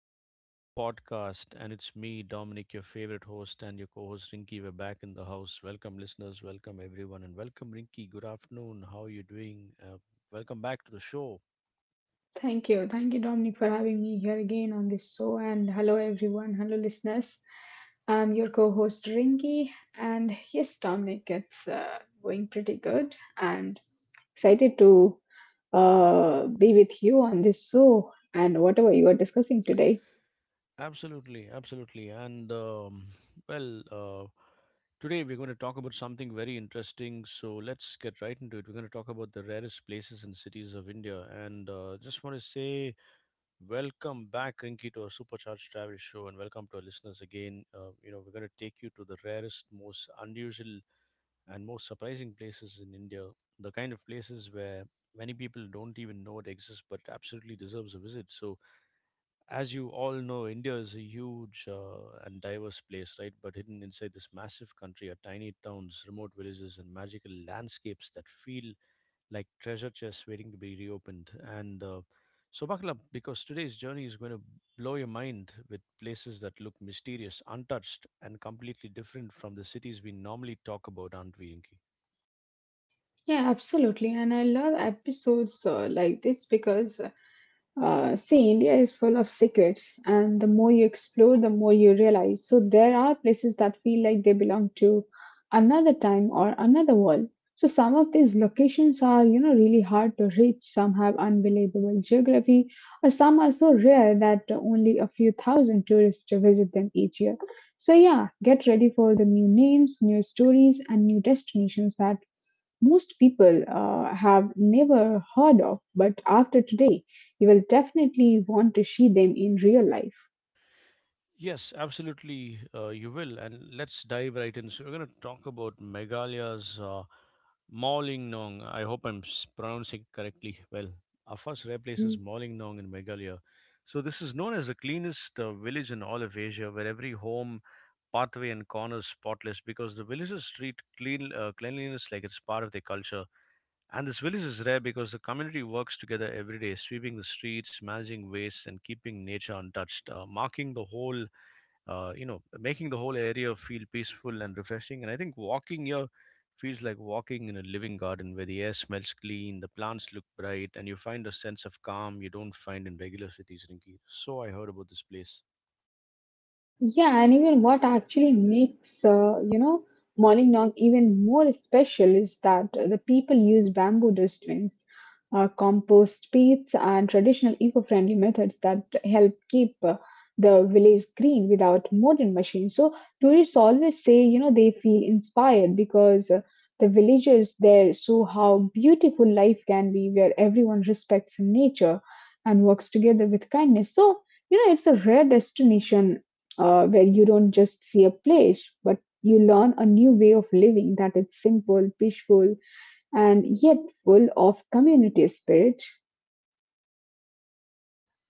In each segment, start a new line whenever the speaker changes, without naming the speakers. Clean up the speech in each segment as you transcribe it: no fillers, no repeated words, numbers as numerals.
Travel Podcast. And it's me, Dominic, your favorite host, and your co host, Rinky. We're back in the house. Welcome, listeners. Welcome, everyone. And welcome, Rinky. Good afternoon. How are you doing? Welcome back to the show.
Thank you. Thank you, Dominic, for having me here again on this show. And hello, everyone. Hello, listeners. I'm your co host, Rinki. And yes, Dominic, it's going pretty good. And excited to be with you on this show and whatever you are discussing today.
Absolutely. Absolutely. Well, uh, Today, we're going to talk about something very interesting. So, let's get right into it. We're going to talk about the rarest places and cities of India. And just want to say welcome back, Rinky, to our Supercharged Travel Show, and welcome to our listeners again. We're going to take you to the rarest, most unusual, and most surprising places in India. The kind of places where many people don't even know it exists, but absolutely deserves a visit. So, as you all know, India is a huge and diverse place, right? But hidden inside this massive country are tiny towns, remote villages, and magical landscapes that feel like treasure chests waiting to be reopened. And so buckle up because today's journey is going to blow your mind with places that look mysterious, untouched, and completely different from the cities we normally talk about, aren't we, Inky?
Yeah, absolutely. And I love episodes like this because see, India is full of secrets, and the more you explore, the more you realize. So, there are places that feel like they belong to another time or another world. So, some of these locations are, you know, really hard to reach. Some have unbelievable geography, or some are so rare that only a few thousand tourists to visit them each year. So, yeah, get ready for the new names, new stories, and new destinations that most people have never heard of. But after today, you will definitely want to see them in real life.
Yes, absolutely, you will. And let's dive right in. So, we're going to talk about Meghalaya's Nong. I hope I'm pronouncing it correctly. Well, our first rare place is Nong in Meghalaya. So, this is known as the cleanest village in all of Asia, where every home pathway and corners spotless because the villagers treat cleanliness like it's part of their culture. And this village is rare because the community works together every day, sweeping the streets, managing waste, and keeping nature untouched, marking the whole, you know, making the whole area feel peaceful and refreshing. And I think walking here feels like walking in a living garden where the air smells clean, the plants look bright, and you find a sense of calm you don't find in regular cities, Rinki. So I heard about this place.
Yeah, and even what actually makes, you know, Molingnog even more special is that the people use bamboo dustbins, compost pits, and traditional eco-friendly methods that help keep the village green without modern machines. So tourists always say, you know, they feel inspired because the villagers there show how beautiful life can be where everyone respects nature and works together with kindness. So, you know, it's a rare destination where you don't just see a place, but you learn a new way of living that is simple, peaceful, and yet full of community spirit.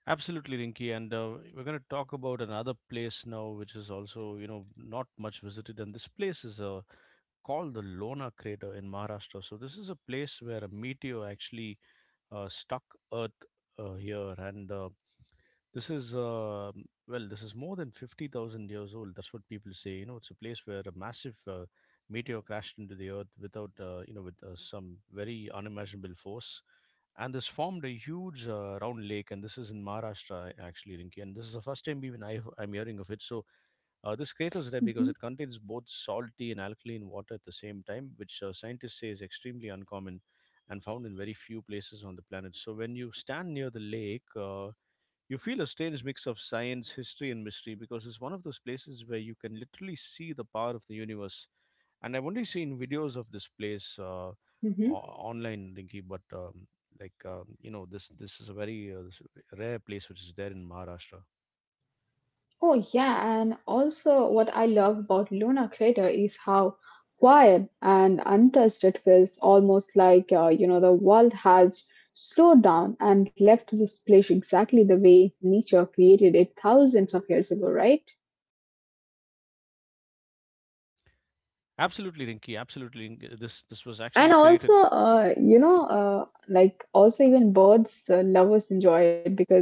Absolutely, Rinky, and we're going to talk about another place now, which is also, you know, not much visited, and this place is called the Lona crater in Maharashtra. So this is a place where a meteor actually stuck Earth here, and this is this is more than 50,000 years old. That's what people say. You know, it's a place where a massive meteor crashed into the Earth without, you know, with some very unimaginable force, and this formed a huge round lake. And this is in Maharashtra, actually, Rinki. And this is the first time even I'm hearing of it. So this crater is rare because
Mhm,
it contains both salty and alkaline water at the same time, which scientists say is extremely uncommon and found in very few places on the planet. So when you stand near the lake, you feel a strange mix of science, history, and mystery because it's one of those places where you can literally see the power of the universe. And I've only seen videos of this place
mhm.
online, Rinky, but this is a very rare place which is there in Maharashtra.
Oh, yeah, and also what I love about Luna Crater is how quiet and untouched it feels, almost like, you know, the world has slowed down and left this place exactly the way nature created it thousands of years ago, right?
Absolutely, Rinky. Absolutely, Rinky. This was
And
actually
also,
created.
you know, also even birds lovers enjoy it because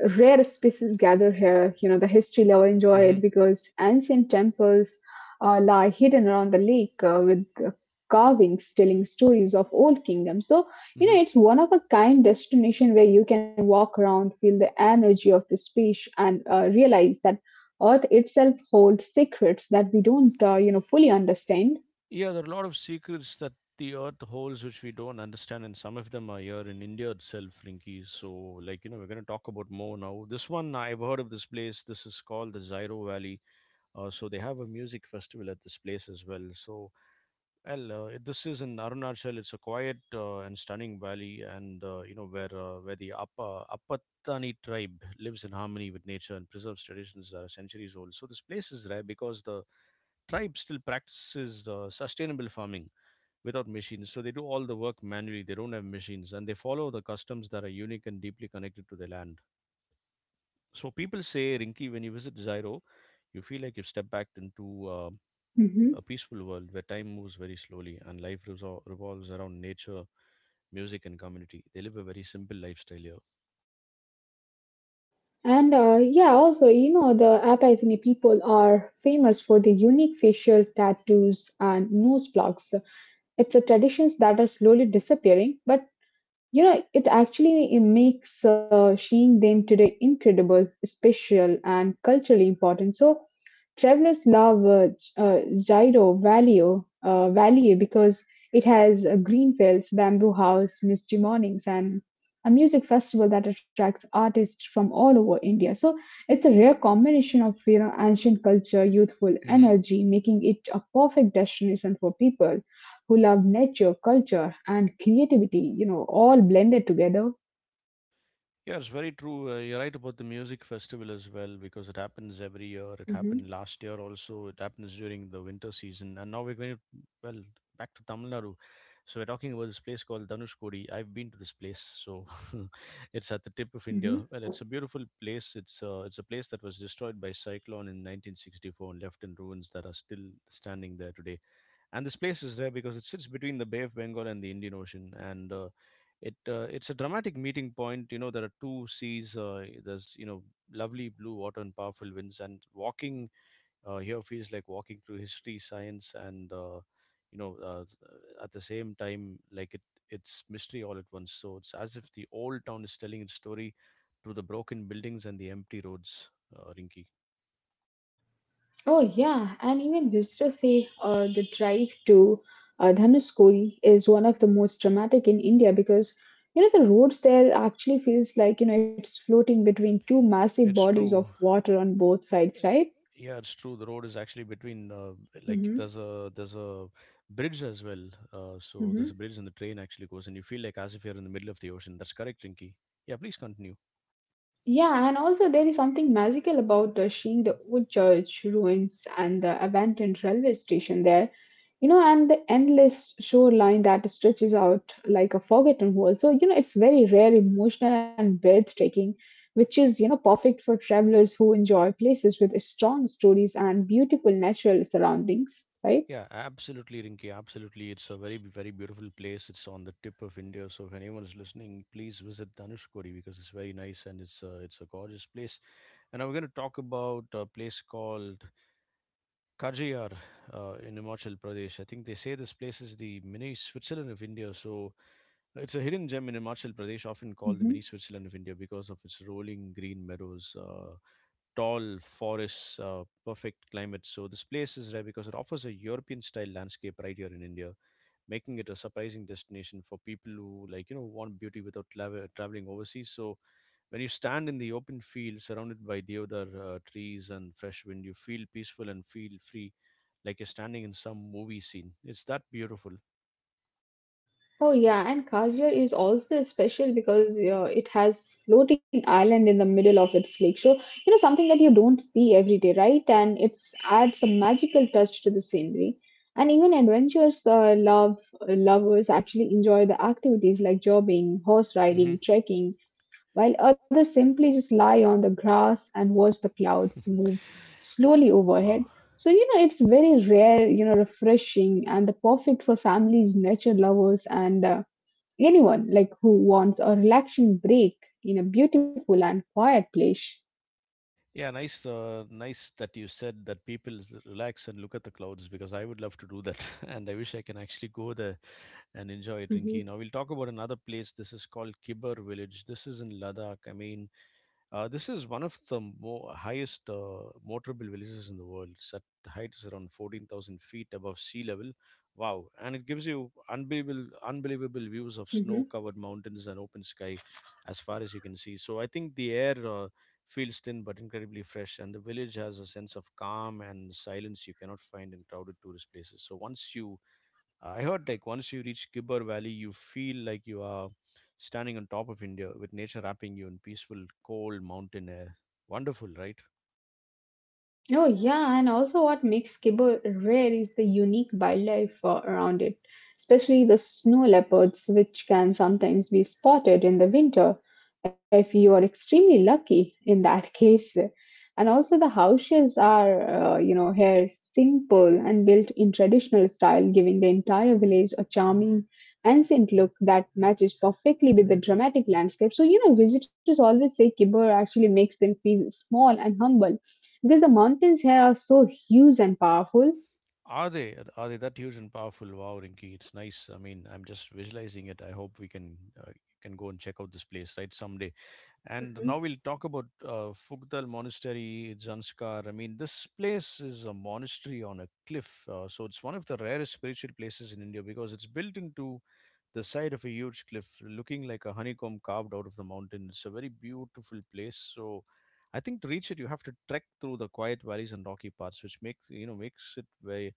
rare species gather here. You know, the history lover enjoy
Hmm.
it because ancient temples lie hidden around the lake with carvings telling stories of old kingdoms. So, you
Hmm.
know, it's one of a kind destination where you can walk around, feel the energy of the speech, and realize that Earth itself holds secrets that we don't, you know, fully understand.
Yeah, there are a lot of secrets that the earth holds which we don't understand, and some of them are here in India itself, Rinky. So, like, you know, we're going to talk about more now. This one, I've heard of this place. This is called the Zyro Valley. So, they have a music festival at this place as well. So, well, this is in Arunachal. It's a quiet and stunning valley, and, you know, where the Appa Apatani tribe lives in harmony with nature and preserves traditions that are centuries old. So this place is rare because the tribe still practices sustainable farming without machines. So they do all the work manually. They don't have machines, and they follow the customs that are unique and deeply connected to the land. So people say, Rinki, when you visit Zairo, you feel like you've stepped back into a peaceful world where time moves very slowly and life revolves around nature, music, and community. They live a very simple lifestyle here.
And yeah, also, you know, the Apathini people are famous for their unique facial tattoos and nose blocks. It's a tradition that are slowly disappearing, but you know, it actually makes seeing them today incredible, special, and culturally important. So, travelers love Jairo Valley, Valley because it has green fields, bamboo house, misty mornings, and a music festival that attracts artists from all over India. So, it's a rare combination of you know ancient culture, youthful
Hmm.
energy, making it a perfect destination for people who love nature, culture, and creativity, you know, all blended together.
Yeah, it's very true. You're right about the music festival as well because it happens every year. It
Mm-hmm.
happened last year also. It happens during the winter season. And now we're going to, well, back to Tamil Nadu. So we're talking about this place called Dhanushkodi. I've been to this place. So it's at the tip of
Mm-hmm.
India. Well, it's a beautiful place. It's a place that was destroyed by cyclone in 1964 and left in ruins that are still standing there today, and this place is there because it sits between the Bay of Bengal and the Indian Ocean, and it's a dramatic meeting point. You know, there are two seas. There's, you know, lovely blue water and powerful winds, and walking here feels like walking through history, science, and you know uh, at the same time like it's mystery all at once. So it's as if the old town is telling its story through the broken buildings and the empty roads, Rinky.
Oh, yeah, and even visitors say the drive to Dhanuskodi is one of the most dramatic in India because you know the roads there actually feels like you know it's floating between two massive
It's
bodies of
true.
water on both
Uh,
sides, right?
Yeah, it's true. The road is actually between,
Mm-hmm.
there's a bridge as well. So there's a bridge and the train actually goes, and you feel like as if you're in the middle of the ocean. That's correct, Rinky. Yeah, please continue.
Yeah, and also there is something magical about seeing the old church ruins and the abandoned railway station there, you know, and the endless shoreline that stretches out like a forgotten world. So, you know, it's very rare, emotional, and breathtaking which is you know perfect for travelers who enjoy places with strong stories and beautiful natural surroundings, right?
Yeah, absolutely, Rinky. Absolutely, it's a very beautiful place. It's on the tip of India. So if anyone is listening, please visit Dhanushkodi because it's very nice and it's a gorgeous place. And now we're going to talk about a place called Kajiyar in Himachal Pradesh. I think they say this place is the mini Switzerland of India. So it's a hidden gem in Himachal Pradesh, often called the
Mhm.
mini Switzerland of India because of its rolling green meadows, tall forests, perfect climate. So this place is rare because it offers a European style landscape right here in India, making it a surprising destination for people who, like, you know, want beauty without traveling overseas. So when you stand in the open field surrounded by deodar trees and fresh wind, you feel peaceful and feel free like you're standing in some movie scene. It's that beautiful.
Oh yeah, and Kajal is also special because it has floating island in the middle of its lake. So, you know, something that you don't see every day, right? And it adds a magical touch to the scenery. And even adventurers love lovers actually enjoy the activities like jogging, horse
Hmm.
riding, trekking, while others simply just lie on the grass and watch the clouds move slowly
Wow.
overhead. So, you know, it's very rare, you know, refreshing and the perfect for families, nature lovers, and anyone like who wants a relaxing break in a beautiful and quiet place.
Yeah, nice. Nice that you said that people relax and look at the clouds because I would love to do that, and I wish I can actually go there and enjoy it,
Hmm.
Rinki. Now we'll talk about another place. This is called Kibber Village. This is in Ladakh. I mean, this is one of the highest motorable villages in the world. Set height is around 14,000 feet above sea level. Wow! And it gives you unbelievable, unbelievable views of
Hmm.
snow-covered mountains and open sky as far as you can see. So I think the air feels thin but incredibly fresh, and the village has a sense of calm and silence you cannot find in crowded tourist places. So once you, I heard, like, once you reach Gibber Valley, you feel like you are standing on top of India with nature wrapping you in peaceful, cold mountain air. Wonderful, right?
Oh, yeah, and also what makes Kibble rare is the unique wildlife around it, especially the snow leopards, which can sometimes be spotted in the winter if you are extremely lucky in that case. And also, the houses are, you know, here simple and built in traditional style, giving the entire village a charming, ancient look that matches perfectly with the dramatic landscape. So, you know, visitors always say Kibber actually makes them feel small and humble because the mountains here are so huge and powerful.
Are they? Are they that huge and powerful? Wow, Rinky, it's nice. I mean, I'm just visualizing it. I hope we can go and check out this place, right, someday. And now we'll talk about Fugdal Monastery, Zanskar. I mean, this place is a monastery on a cliff, so it's one of the rarest spiritual places in India because it's built into the side of a huge cliff, looking like a honeycomb carved out of the mountain. It's a very beautiful place. So I think to reach it, you have to trek through the quiet valleys and rocky parts, which makes, you know, makes it very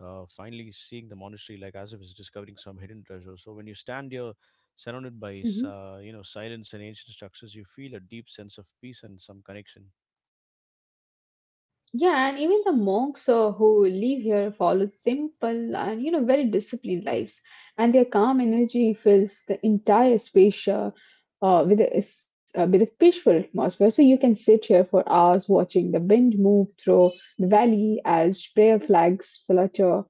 finally seeing the monastery like as if it's discovering some hidden treasure. So when you stand here, surrounded by, silence and ancient structures, you feel a deep sense of peace and some connection.
Yeah, and even the monks who live here followed simple and you know very disciplined lives, and their calm energy fills the entire space with a peaceful atmosphere. So you can sit here for hours watching the wind move through the valley as prayer flags flutter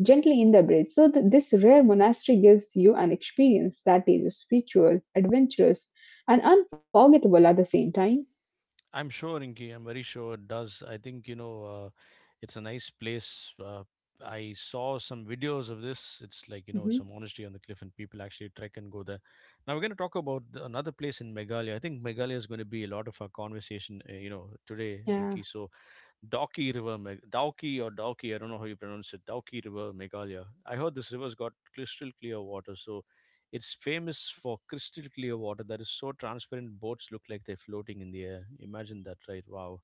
gently in the breeze. So this rare monastery gives you an experience that is spiritual, adventurous, and unforgettable at the same time.
I'm sure, Rinki. I'm very sure it does. I think, it's a nice place. I saw some videos of this. It's like, you know,
Hmm.
it's a monastery on the cliff, and people actually trek and go there. Now we're going to talk about the, another place in Meghalaya. I think Meghalaya is going to be a lot of our conversation, today,
Yeah.
Rinki. So Dauki River, Dauki or Dauki, I don't know how you pronounce it, Dauki River, Meghalaya. I heard this river's got crystal clear water, so it's famous for crystal clear water that is so transparent boats look like they're floating in the air. Imagine that, right? Wow.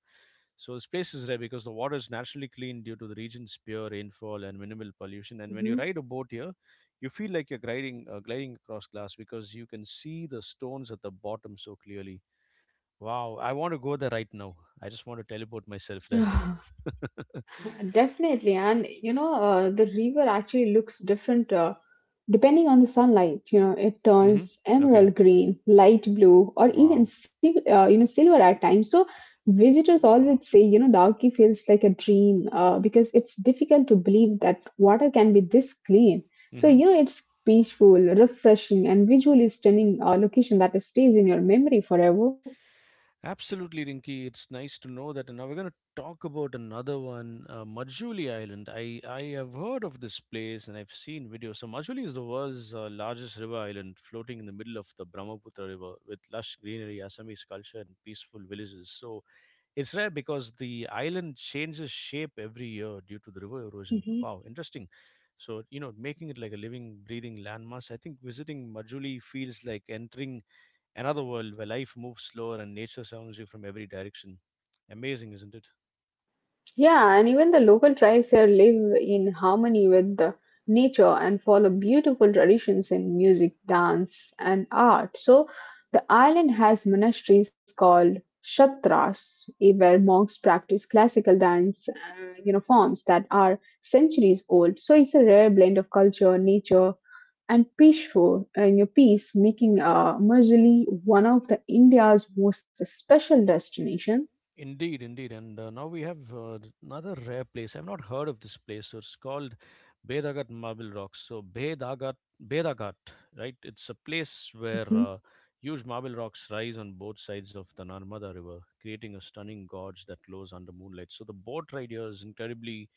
So this place is rare because the water is naturally clean due to the region's pure rainfall and minimal pollution. And when you ride a boat here, you feel like you're gliding across glass because you can see the stones at the bottom so clearly. Wow, I want to go there right now. I just want to teleport myself there.
Hmm. Definitely, and you know, the river actually looks different depending on the sunlight. You know, it
Mm-hmm.
turns
Okay.
emerald green, light blue, or even
Wow.
you know silver at times. So visitors always
Wow.
say, you know, Dauki feels like a dream because it's difficult to believe that water can be this clean. So
Mm-hmm.
you know, it's peaceful, refreshing, and visually stunning location that stays in your memory forever.
Absolutely, Rinky. It's nice to know that. And now we're going to talk about another one, Majuli Island. I have heard of this place and I've seen videos. So, Majuli is the world's largest river island, floating in the middle of the Brahmaputra River with lush greenery, Assamese culture, and peaceful villages. So, it's rare because the island changes shape every year due to the river erosion.
Mhm.
Wow, interesting. So, you know, making it like a living, breathing landmass, I think visiting Majuli feels like entering another world where life moves slower and nature surrounds you from every direction. Amazing, isn't it?
Yeah, and even the local tribes here live in harmony with the nature and follow beautiful traditions in music, dance, and art. So the island has monasteries called shatras, eh, where monks practice classical dance, you know, forms that are centuries old. So it's a rare blend of culture, nature, and peaceful and your peace, making Majuli one of the India's most special destination.
Indeed, indeed. And now we have another rare place. I've not heard of this place. So it's called Bedagat Marble Rocks. So Bedagat, right? It's a place where
Mm-hmm.
huge marble rocks rise on both sides of the Narmada River, creating a stunning gorge that glows under moonlight. So the boat ride here is incredibly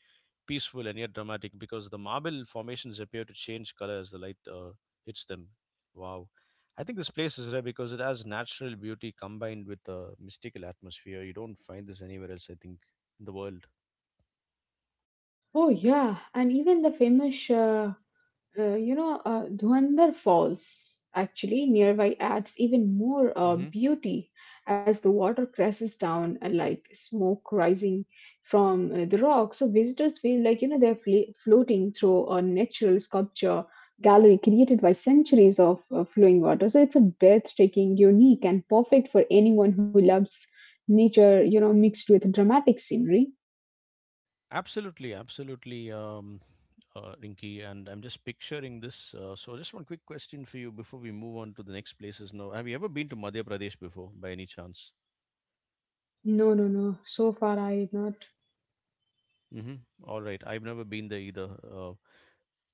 peaceful and yet dramatic because the marble formations appear to change color as the light hits them. Wow. I think this place is rare because it has natural beauty combined with a mystical atmosphere. You don't find this anywhere else, I think, in the world.
Oh yeah, and even the famous, you know, Dhuandhar Falls actually nearby adds even more
Hmm.
beauty as the water crashes down like smoke rising from the rock. So visitors feel like you know they're floating through a natural sculpture gallery created by centuries of flowing water. So it's a breathtaking, unique, and perfect for anyone who loves nature. You know, mixed with dramatic scenery.
Absolutely, absolutely, Rinky. And I'm just picturing this. So, just one quick question for you before we move on to the next places. Now, have you ever been to Madhya Pradesh before, by any chance?
No, no, no. So far, I not.
Mm-hmm. All right, I've never been there either.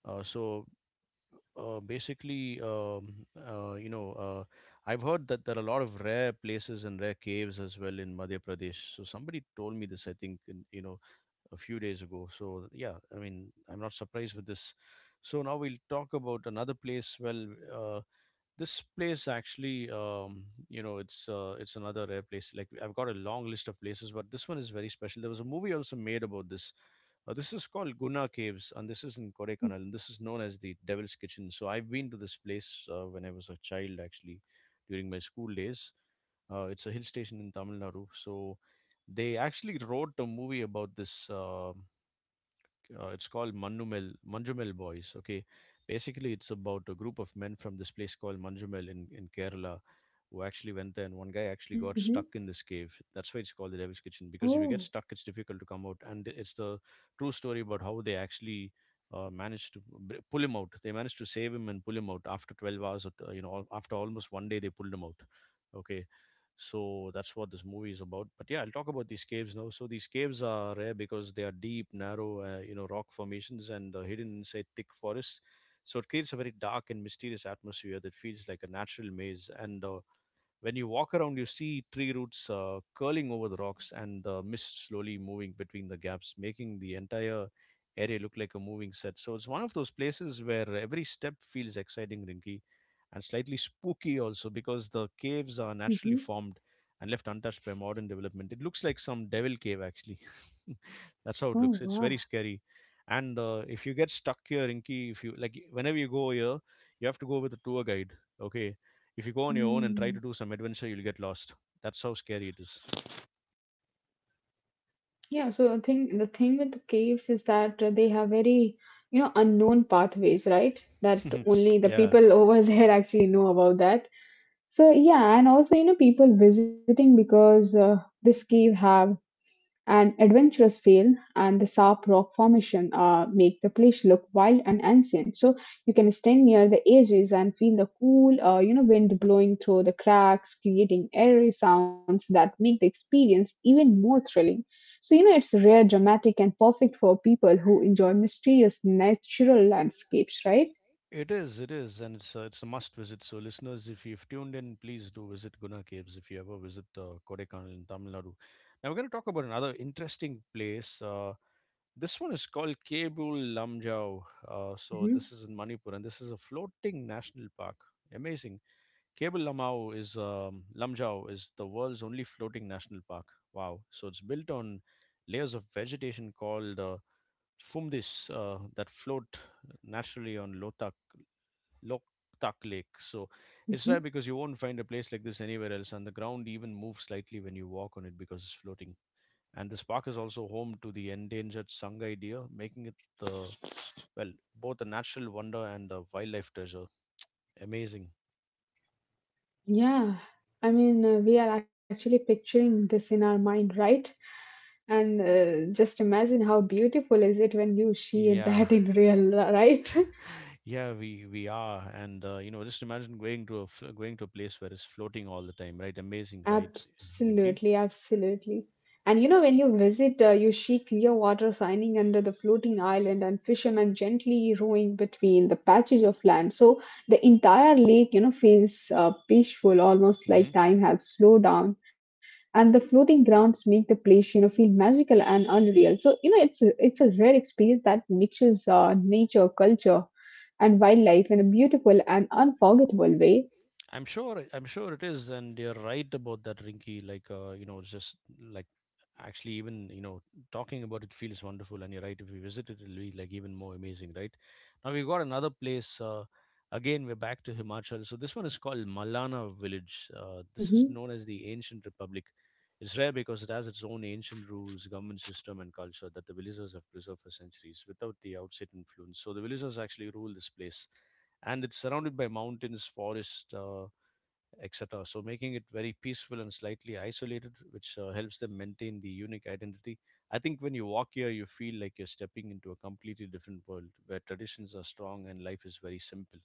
So basically, you know, I've heard that there are a lot of rare places and rare caves as well in Madhya Pradesh. So somebody told me this, I think, in, you know, a few days ago. So yeah, I mean, I'm not surprised with this.
Mhm.
So now we'll talk about another place. Well, uh, this place actually, it's another rare place. Like I've got a long list of places, but this one is very special. There was a movie also made about this. This is called Guna Caves, and this is in Kodaikanal, and this is known as the Devil's Kitchen. So I've been to this place when I was a child, actually, during my school days. It's a hill station in Tamil Nadu. So they actually wrote a movie about this. It's called Manumel Manjumel Boys. Okay, basically it's about a group of men from this place called Manjumel in Kerala who actually went there, and one guy actually got
Mhm.
stuck in this cave. That's why it's called the Devil's Kitchen because if you get
Oh.
stuck, it's difficult to come out. And it's the true story about how they actually managed to pull him out. They managed to save him and pull him out after 12 hours. Of, you know, al- After almost one day, they pulled him out. Okay, so that's what this movie is about. But yeah, I'll talk about these caves now. So these caves are rare because they are deep, narrow, rock formations and hidden inside thick forests. So it creates a very dark and mysterious atmosphere that feels like a natural maze. And when you walk around, you see tree roots curling over the rocks and the mist slowly moving between the gaps, making the entire area look like a moving set. So it's one of those places where every step feels exciting, Rinky, and slightly spooky also because the caves are naturally
Mhm.
formed and left untouched by modern development. It looks like some devil cave, actually. That's how it looks.
Oh,
It's very
wow.
scary. And if you get stuck here, Rinky, if you like, whenever you go here, you have to go with a tour guide. Okay, if you go on your own and try to
Mm.
do some adventure, you'll get lost. That's how scary it is.
Yeah, so the thing with the caves is that they have very, you know, unknown pathways, right? That only the
Yeah,
people over there actually know about that. So yeah, and also, you know, people visiting because this cave have an adventurous feel and the sharp rock formation make the place look wild and ancient. So you can stand near the edges and feel the cool, you know, wind blowing through the cracks, creating airy sounds that make the experience even more thrilling. So you know, it's rare, dramatic, and perfect for people who enjoy mysterious natural landscapes, right?
it is. It is, and it's a must visit. So, listeners, if you've tuned in, please do visit Guna Caves if you ever visit Kodaikanal in Tamil Nadu. Now, we're going to talk about another interesting place. This one is called Kebul Lamjau. So,
Mhm,
this is in Manipur, and this is a floating national park. Amazing. Cable Lamau is Lamjau is the world's only floating national park. Wow! So it's built on layers of vegetation called fumdis that float naturally on Lotak Loktak Lake. So it's
mhm.
rare because you won't find a place like this anywhere else, and the ground even moves slightly when you walk on it because it's floating. And this park is also home to the endangered Sangai deer, making it the well both a natural wonder and a wildlife treasure. Amazing.
Yeah, I mean, we are actually picturing this in our mind, right? And just imagine how beautiful is it when you see
Yeah,
that in real, right?
yeah, we are, and you know, just imagine going to a going to a place where it's floating all the time, right? Amazing, right,
Absolutely,
Rinky?
absolutely. And you know, when you visit, you see clear water shining under the floating island and fishermen gently rowing between the patches of land. So the entire lake, you know, feels peaceful, almost
Mm-hmm.
like time has slowed down. And the floating grounds make the place, you know, feel magical and unreal. So, you know, it's a rare experience that mixes nature, culture, and wildlife in a beautiful and unforgettable way.
I'm sure it is, and you're right about that, Rinky. Like you know, it's just like actually even you know talking about it feels wonderful, and you're right. If we visit it, it'll be like even more amazing, right? Now we've got another place. Again, we're back to Himachal. So this one is called Malana Village. This is
Mm-hmm.
known as the Ancient Republic. It's rare because it has its own ancient rules, government system, and culture that the villagers have preserved for centuries without the outside influence. So the villagers actually rule this place and it's surrounded by mountains, forest. Etc. So making it very peaceful and slightly isolated, which helps them maintain the unique identity. I think when you walk here, you feel like you're stepping into a completely different world where traditions are strong and life is very simple.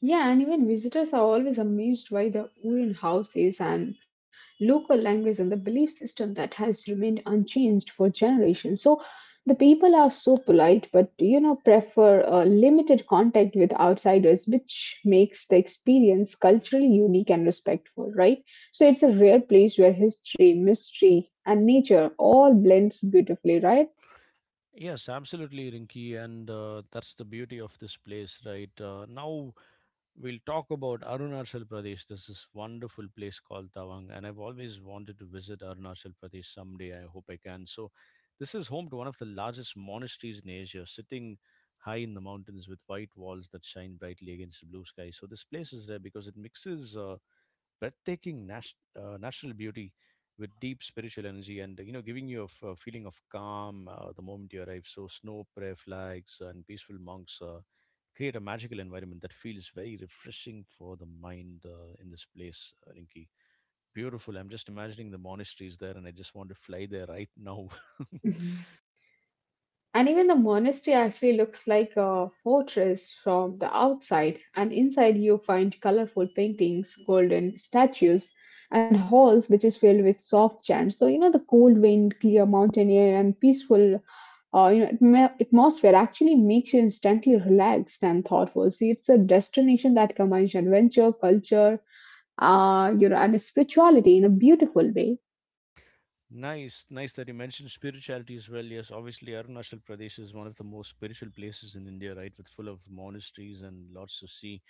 Yeah, and even visitors are always amazed by the wooden houses and local language and the belief system that has remained unchanged for generations. So the people are so polite, but you know, prefer limited contact with outsiders, which makes the experience culturally unique and respectful, right? So it's a rare place where history, mystery, and nature all blends beautifully, right?
Yes, absolutely, Rinki, and that's the beauty of this place, right? Now we'll talk about Arunachal Pradesh. This is wonderful place called Tawang, and I've always wanted to visit Arunachal Pradesh someday. I hope I can. So, this is home to one of the largest monasteries in Asia, sitting high in the mountains with white walls that shine brightly against the blue sky. So, this place is rare because it mixes. Breathtaking natural beauty with deep spiritual energy
Hmm?
and you know giving you a feeling of calm the moment you arrive so snow prayer flags and peaceful monks create a magical environment that feels very refreshing for the mind in this place rinki beautiful I'm just imagining the monasteries there and I just want to fly there right now
And even the monastery actually looks like a fortress from the outside, and inside you find colorful paintings, golden statues, and halls which is filled with soft chants. So you know the cold wind, clear mountain air, and peaceful you know atmosphere actually makes you instantly relaxed and thoughtful. See, it's a destination that combines adventure, culture, you know, and spirituality in a beautiful way.
Nice, nice that you mentioned spirituality as well. Yes, obviously Arunachal Pradesh is one of the most spiritual places in India, right? With full of monasteries and lots to see.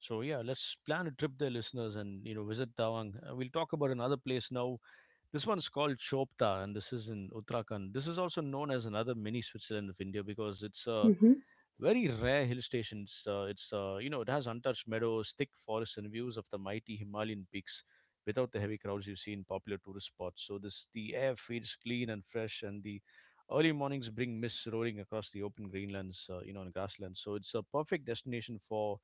So yeah, let's plan a trip there, listeners, and you know visit Tawang. We'll talk about another place now. This one's called Chopta, and this is in Uttarakhand. This is also known as another mini Switzerland of India because it's a
Hmm.
very rare hill stations. It's you know it has untouched meadows, thick forests, and views of the mighty Himalayan peaks without the heavy crowds you see in popular tourist spots. So this the air feels clean and fresh, and the early mornings bring mists rolling across the open greenlands and grasslands. So it's a perfect destination for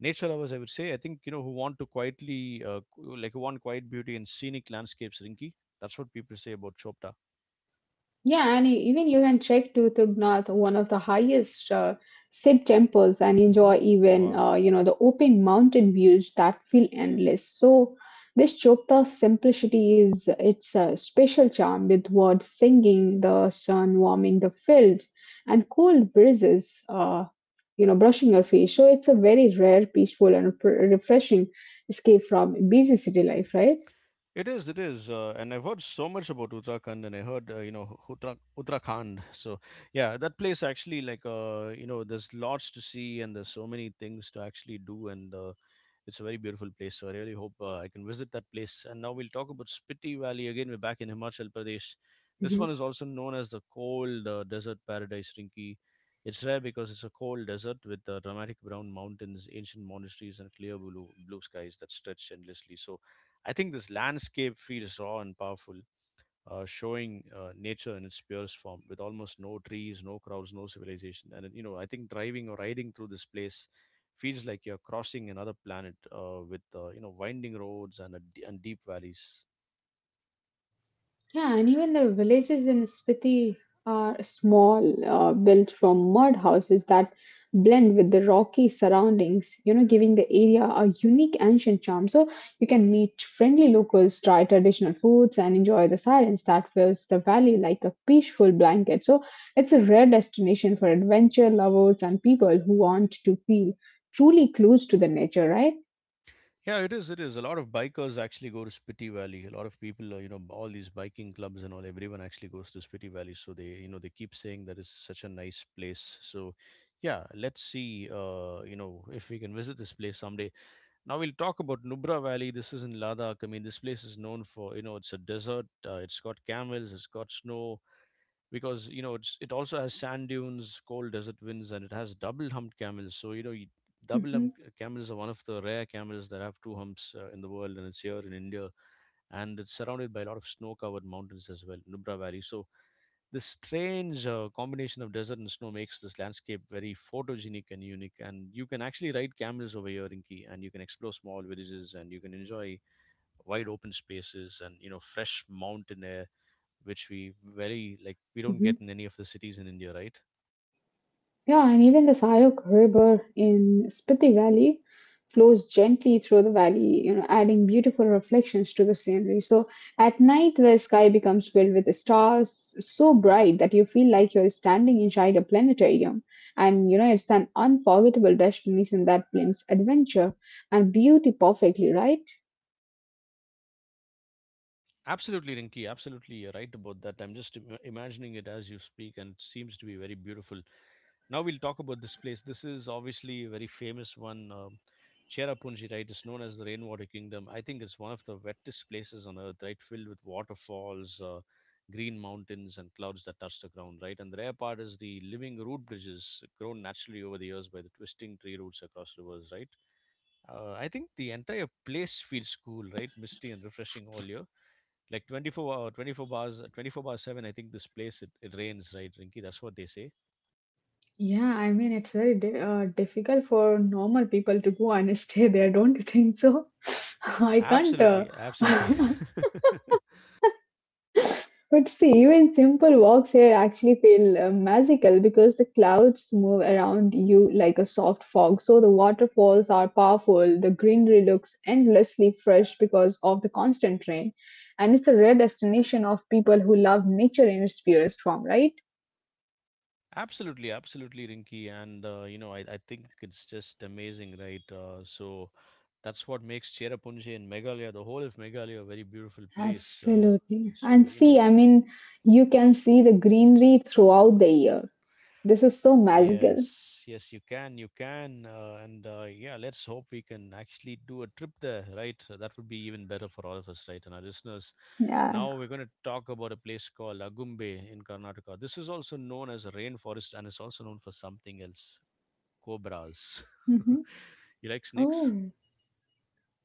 nature lovers, I would say. I think you know who want to like who want quiet beauty and scenic landscapes. Rinky, that's what people say about Chopta.
Yeah, and even you can trek to Tugnath, one of the highest Sikh temples, and enjoy
Hmm.
even
Wow.
you know the open mountain views that feel endless. So this Chopta simplicity is its special charm with birds singing, the sun warming the field, and cold breezes. Uh, you know, brushing your face. So it's a very rare, peaceful, and refreshing escape from busy city life, right?
It is, and I've heard so much about Uttarakhand, and I heard you know Uttarakhand. So yeah, that place actually like you know there's lots to see, and there's so many things to actually do, and it's a very beautiful place, so I really hope I can visit that place. And now we'll talk about Spiti Valley again. We're back in Himachal Pradesh. This
Mhm.
one is also known as the cold desert paradise, Rinki. It's rare because it's a cold desert with dramatic brown mountains, ancient monasteries, and clear blue skies that stretch endlessly. So, I think this landscape feels raw and powerful, showing nature in its purest form with almost no trees, no crowds, no civilization. And, you know, I think driving or riding through this place feels like you're crossing another planet, you know, winding roads and, and deep valleys.
Yeah, and even the villages in Spiti are small, built from mud houses that blend with the rocky surroundings, you know, giving the area a unique ancient charm. So you can meet friendly locals, try traditional foods, and enjoy the silence that fills the valley like a peaceful blanket. So it's a rare destination for adventure lovers and people who want to feel truly close to the nature, right?
Yeah, it is. It is. A lot of bikers actually go to Spiti Valley. A lot of people, you know, all these biking clubs and all, everyone actually goes to Spiti Valley. So they, you know, they keep saying that it's such a nice place. So, yeah, let's see, you know, if we can visit this place someday. Now we'll talk about Nubra Valley. This is in Ladakh. I mean, this place is known for, you know, it's a desert. It's got camels. It's got snow because you know it also has sand dunes, cold desert winds, and it has double humped camels. So you know, you, double
Hmm.
humped camels are one of the rare camels that have two humps in the world, and it's here in India, and it's surrounded by a lot of snow-covered mountains as well, Nubra Valley. So this strange combination of desert and snow makes this landscape very photogenic and unique. And you can actually ride camels over here, Rinki, and you can explore small villages, and you can enjoy wide open spaces and you know fresh mountain air, which we very like we don't
Hmm.
get in any of the cities in India, right?
Yeah, and even the Sayok River in Spiti Valley flows gently through the valley, you know, adding beautiful reflections to the scenery. So at night, the sky becomes filled with stars so bright that you feel like you're standing inside a planetarium. And you know, it's an unforgettable destination that blends adventure and beauty perfectly, right?
Absolutely, Rinki. Absolutely, you're right about that. I'm just imagining it as you speak, and it seems to be very beautiful. Now we'll talk about this place. This is obviously a very famous one. Cherrapunji, right? It's known as the Rainwater Kingdom. I think it's one of the wettest places on earth, right? Filled with waterfalls, green mountains, and clouds that touch the ground, right? And the rare part is the living root bridges grown naturally over the years by the twisting tree roots across rivers, right? I think the entire place feels cool, right? Misty and refreshing all year. Like 24 hour, 24 bars, 24 bar 7, I think this place, it rains, right, Rinky? That's what they say.
Yeah, I mean, it's very difficult for normal people to go and stay there, don't you think so? I can't.
Absolutely, absolutely.
But see, even simple walks here actually feel magical because the clouds move around you like a soft fog. So the waterfalls are powerful, the greenery looks endlessly fresh because of the constant rain. And it's a rare destination of people who love nature in its purest form, right?
Absolutely, absolutely, Rinky. And, you know, I think it's just amazing, right? So that's what makes Cherrapunji and Meghalaya, the whole of Meghalaya, a very beautiful place.
Absolutely. And
So, you know,
see, I mean, you can see the greenery throughout the year. This is so magical.
yes, yes, you can, and yeah, let's hope we can actually do a trip there, right? So that would be even better for all of us, right, and our listeners.
Yeah.
Now we're going to talk about a place called Agumbe in Karnataka. This is also known as a rainforest, and it's also known for something else, cobras.
Hmm.
You like snakes?
Oh,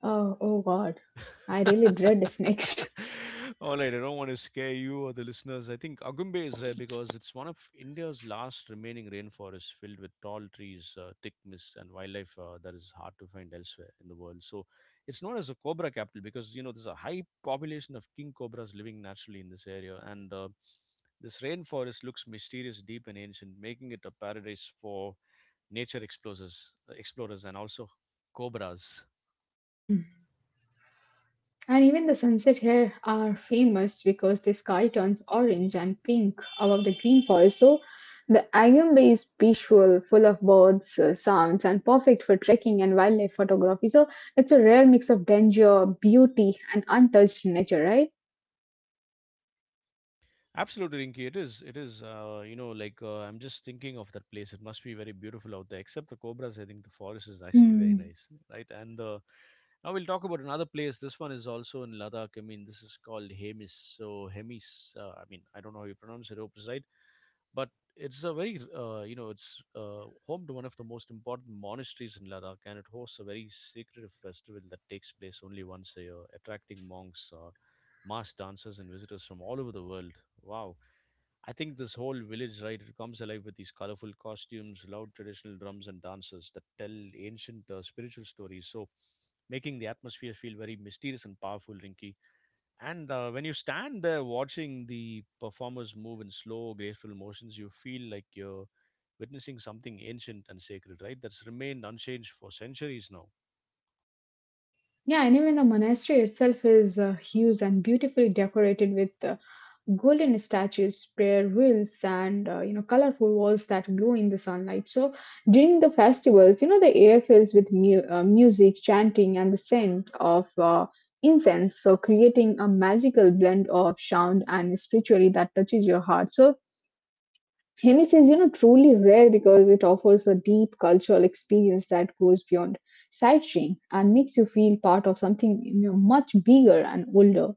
oh, oh God. I really dread snakes.
All right, I don't want to scare you or the listeners. I think Agumbe is rare because it's one of India's last remaining rainforests filled with tall trees, thick mist, and wildlife that is hard to find elsewhere in the world. So it's known as a cobra capital because, you know, there's a high population of king cobras living naturally in this area. And this rainforest looks mysterious, deep, and ancient, making it a paradise for nature explorers and also cobras.
And even the sunset here are famous because the sky turns orange and pink above the green forest. So the Agumbe is peaceful, full of birds, sounds, and perfect for trekking and wildlife photography. So it's a rare mix of danger, beauty, and untouched nature, right?
Absolutely, Rinky. It is. It is. You know, like I'm just thinking of that place. It must be very beautiful out there. Except the cobras, I think the forest is actually very
Hmm.
nice, right? And now we'll talk about another place. This one is also in Ladakh. I mean, this is called Hemis. So Hemis. I mean, I don't know how you pronounce it. Hope it's right, but it's a very you know it's home to one of the most important monasteries in Ladakh, and it hosts a very secretive festival that takes place only once a year, attracting monks. Mass dancers and visitors from all over the world. Wow. I think this whole village, right, it comes alive with these colorful costumes, loud traditional drums, and dances that tell ancient spiritual stories. So, making the atmosphere feel very mysterious and powerful, Rinky. And when you stand there watching the performers move in slow, graceful motions, you feel like you're witnessing something ancient and sacred, right? That's remained unchanged for centuries now.
Yeah, and even the monastery itself is huge and beautifully decorated with golden statues, prayer wheels, and you know colorful walls that glow in the sunlight. So during the festivals, you know the air fills with music, chanting, and the scent of incense. So creating a magical blend of sound and spirituality that touches your heart. So Hemis is you know truly rare because it offers a deep cultural experience that goes beyond sightseeing and makes you feel part of something you know, much bigger and older.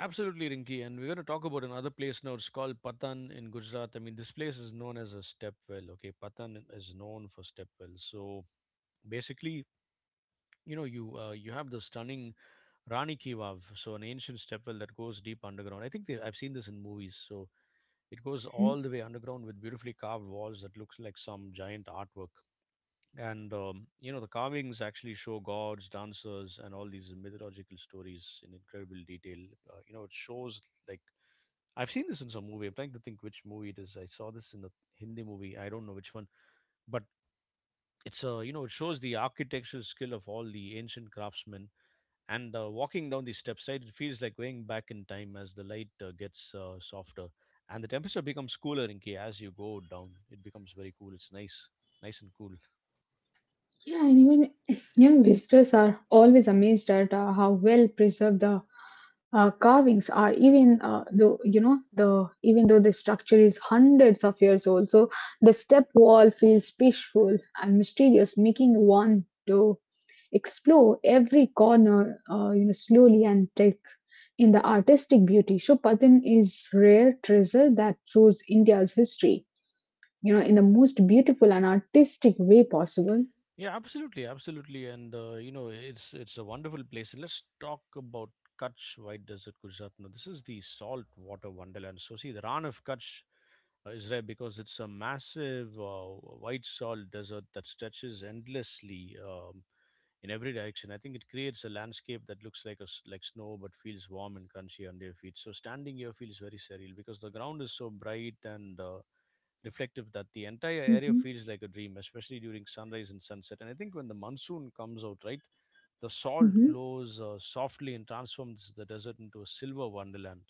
Absolutely, Rinki. And we're going to talk about another place now. It's called Patan in Gujarat. I mean, this place is known as a step well. Okay, Patan is known for step wells. So basically, you know, you have the stunning Rani Ki Vav, so an ancient step well that goes deep underground. I think they, I've seen this in movies. So it goes all the way underground with beautifully carved walls that looks like some giant artwork. And you know the carvings actually show gods dancers and all these mythological stories in incredible detail. You know it shows, like, I've seen this in some movie. I'm trying to think which movie it is. I saw this in a Hindi movie. I don't know which one, but it's a, you know, it shows the architectural skill of all the ancient craftsmen. And walking down the steps, right, it feels like going back in time as the light gets softer and the temperature becomes cooler. In case as you go down it becomes very cool. It's nice, nice and cool.
Yeah, and even you know, visitors are always amazed at how well preserved the carvings are. Even though you know the even though the structure is hundreds of years old, so the step wall feels peaceful and mysterious, making one to explore every corner, you know, slowly and take in the artistic beauty. So Patan is rare treasure that shows India's history, you know, in the most beautiful and artistic way possible.
Yeah, absolutely, absolutely, and you know, it's a wonderful place. Let's talk about Kutch White Desert, Gujarat. Now, this is the salt water wonderland. So, see, the Ran of Kutch is rare because it's a massive, white salt desert that stretches endlessly, in every direction. I think it creates a landscape that looks like a s like snow but feels warm and crunchy under your feet. So, standing here feels very surreal because the ground is so bright and reflective that the entire area
Hmm.
feels like a dream, especially during sunrise and sunset. And I think when the monsoon comes out, right, the salt glows softly and transforms the desert into a silver wonderland.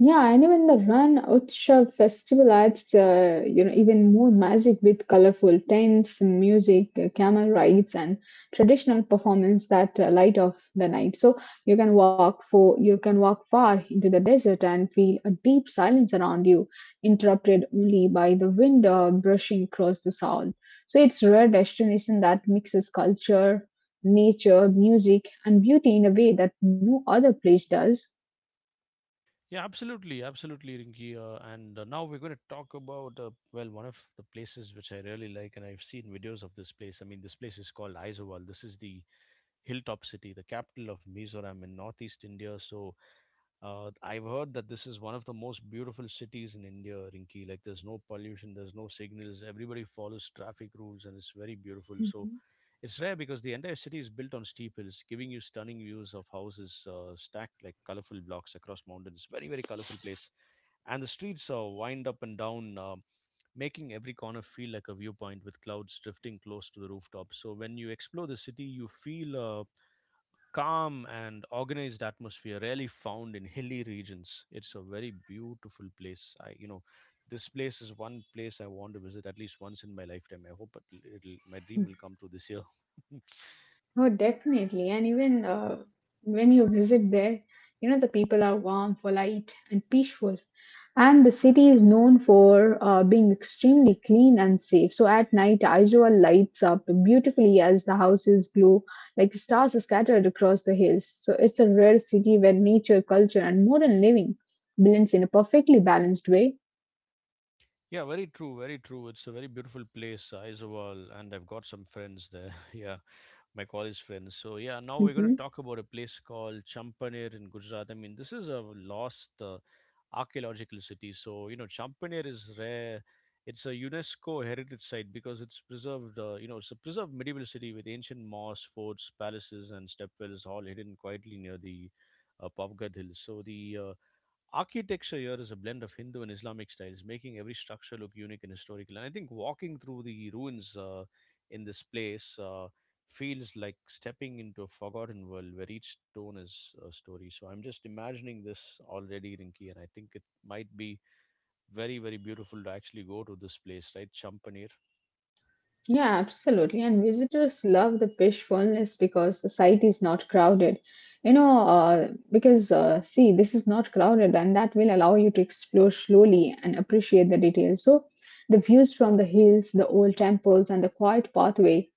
Yeah, and even the Ran Utsav festival adds, you know, even more magic with colorful tents, music, camel rides, and traditional performance that light of the night. So you can walk far into the desert and feel a deep silence around you, interrupted only by the wind brushing across the salt. So it's a rare destination that mixes culture, nature, music, and beauty in a way that no other place does.
Yeah, absolutely, absolutely, Rinki. And now we're going to talk about well, one of the places which I really like, and I've seen videos of this place. I mean, this place is called Aizawl. This is the hilltop city, the capital of Mizoram in northeast India. So, I've heard that this is one of the most beautiful cities in India, Rinki. Like, there's no pollution, there's no signals, everybody follows traffic rules, and it's very beautiful. So,
Mhm.
it's rare because the entire city is built on steep hills, giving you stunning views of houses stacked like colorful blocks across mountains. Very, very colorful place. And the streets wind up and down, making every corner feel like a viewpoint with clouds drifting close to the rooftop. So, when you explore the city, you feel calm and organized atmosphere rarely found in hilly regions. It's a very beautiful place. I, you know, this place is one place I want to visit at least once in my lifetime. I hope it'll my dream will come true this year.
Oh, definitely. And even when you visit there, you know, the people are warm, polite, and peaceful. And the city is known for being extremely clean and safe. So at night, Aizawl lights up beautifully as the houses glow like stars scattered across the hills. So it's a rare city where nature, culture, and modern living blends in a perfectly balanced way.
Yeah, very true, very true. It's a very beautiful place, Isawal, and I've got some friends there. Yeah, my college friends. So yeah, now we're going to
Mhm.
talk about a place called Champaner in Gujarat. I mean, this is a lost archaeological city. So you know, Champaner is rare. It's a UNESCO heritage site because it's preserved. You know, it's a preserved medieval city with ancient mosques, forts, palaces, and stepwells all hidden quietly near the Pavgad Hills. So the architecture here is a blend of Hindu and Islamic styles, making every structure look unique and historical. And I think walking through the ruins in this place feels like stepping into a forgotten world where each stone is a story. So I'm just imagining this already, Rinki, and I think it might be very, very beautiful to actually go to this place, right? Champaner.
Yeah, absolutely. And visitors love the fish wellness because the site is not crowded. You know, because See, this is not crowded, and that will allow you to explore slowly and appreciate the details. So, the views from the hills, the old temples, and the quiet pathway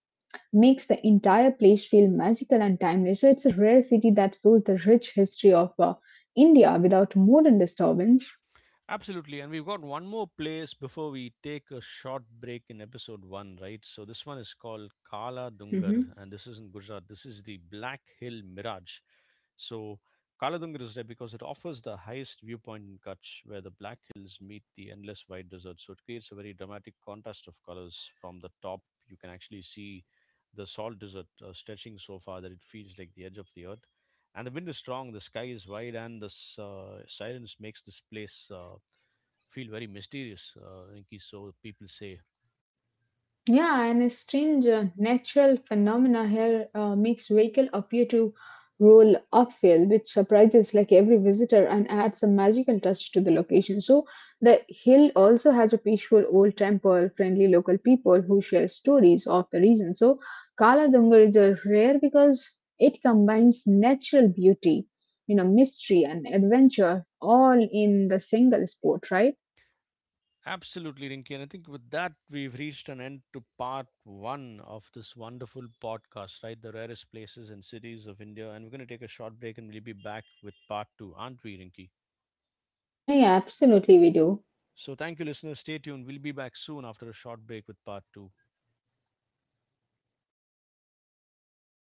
makes the entire place feel magical and timeless. So, it's a rare city that shows the rich history of India without modern disturbance.
Absolutely. And we've got one more place before we take a short break in episode one, right? So this one is called Kala Dungar,
Mhm.
and this is in Gujarat. This is the Black Hill Mirage. So Kala Dungar is there because it offers the highest viewpoint in Kutch, where the Black Hills meet the endless white desert. So it creates a very dramatic contrast of colors. From the top, you can actually see the salt desert stretching so far that it feels like the edge of the earth. And the wind is strong, the sky is wide, and the silence makes this place feel very mysterious, Rinky. So people say.
Yeah, and a strange natural phenomena here makes vehicle appear to roll uphill, which surprises like every visitor and adds a magical touch to the location. So the hill also has a peaceful old temple, friendly local people who share stories of the region. So Kala Dungar is a rare because it combines natural beauty, you know, mystery and adventure all in the single sport, right?
Absolutely, Rinky. And I think with that, we've reached an end to part one of this wonderful podcast, right? The rarest places and cities of India. And we're going to take a short break, and we'll be back with part two, aren't we, Rinky?
Yeah, yeah, absolutely we do.
So thank you, listeners. Stay tuned. We'll be back soon after a short break with part two.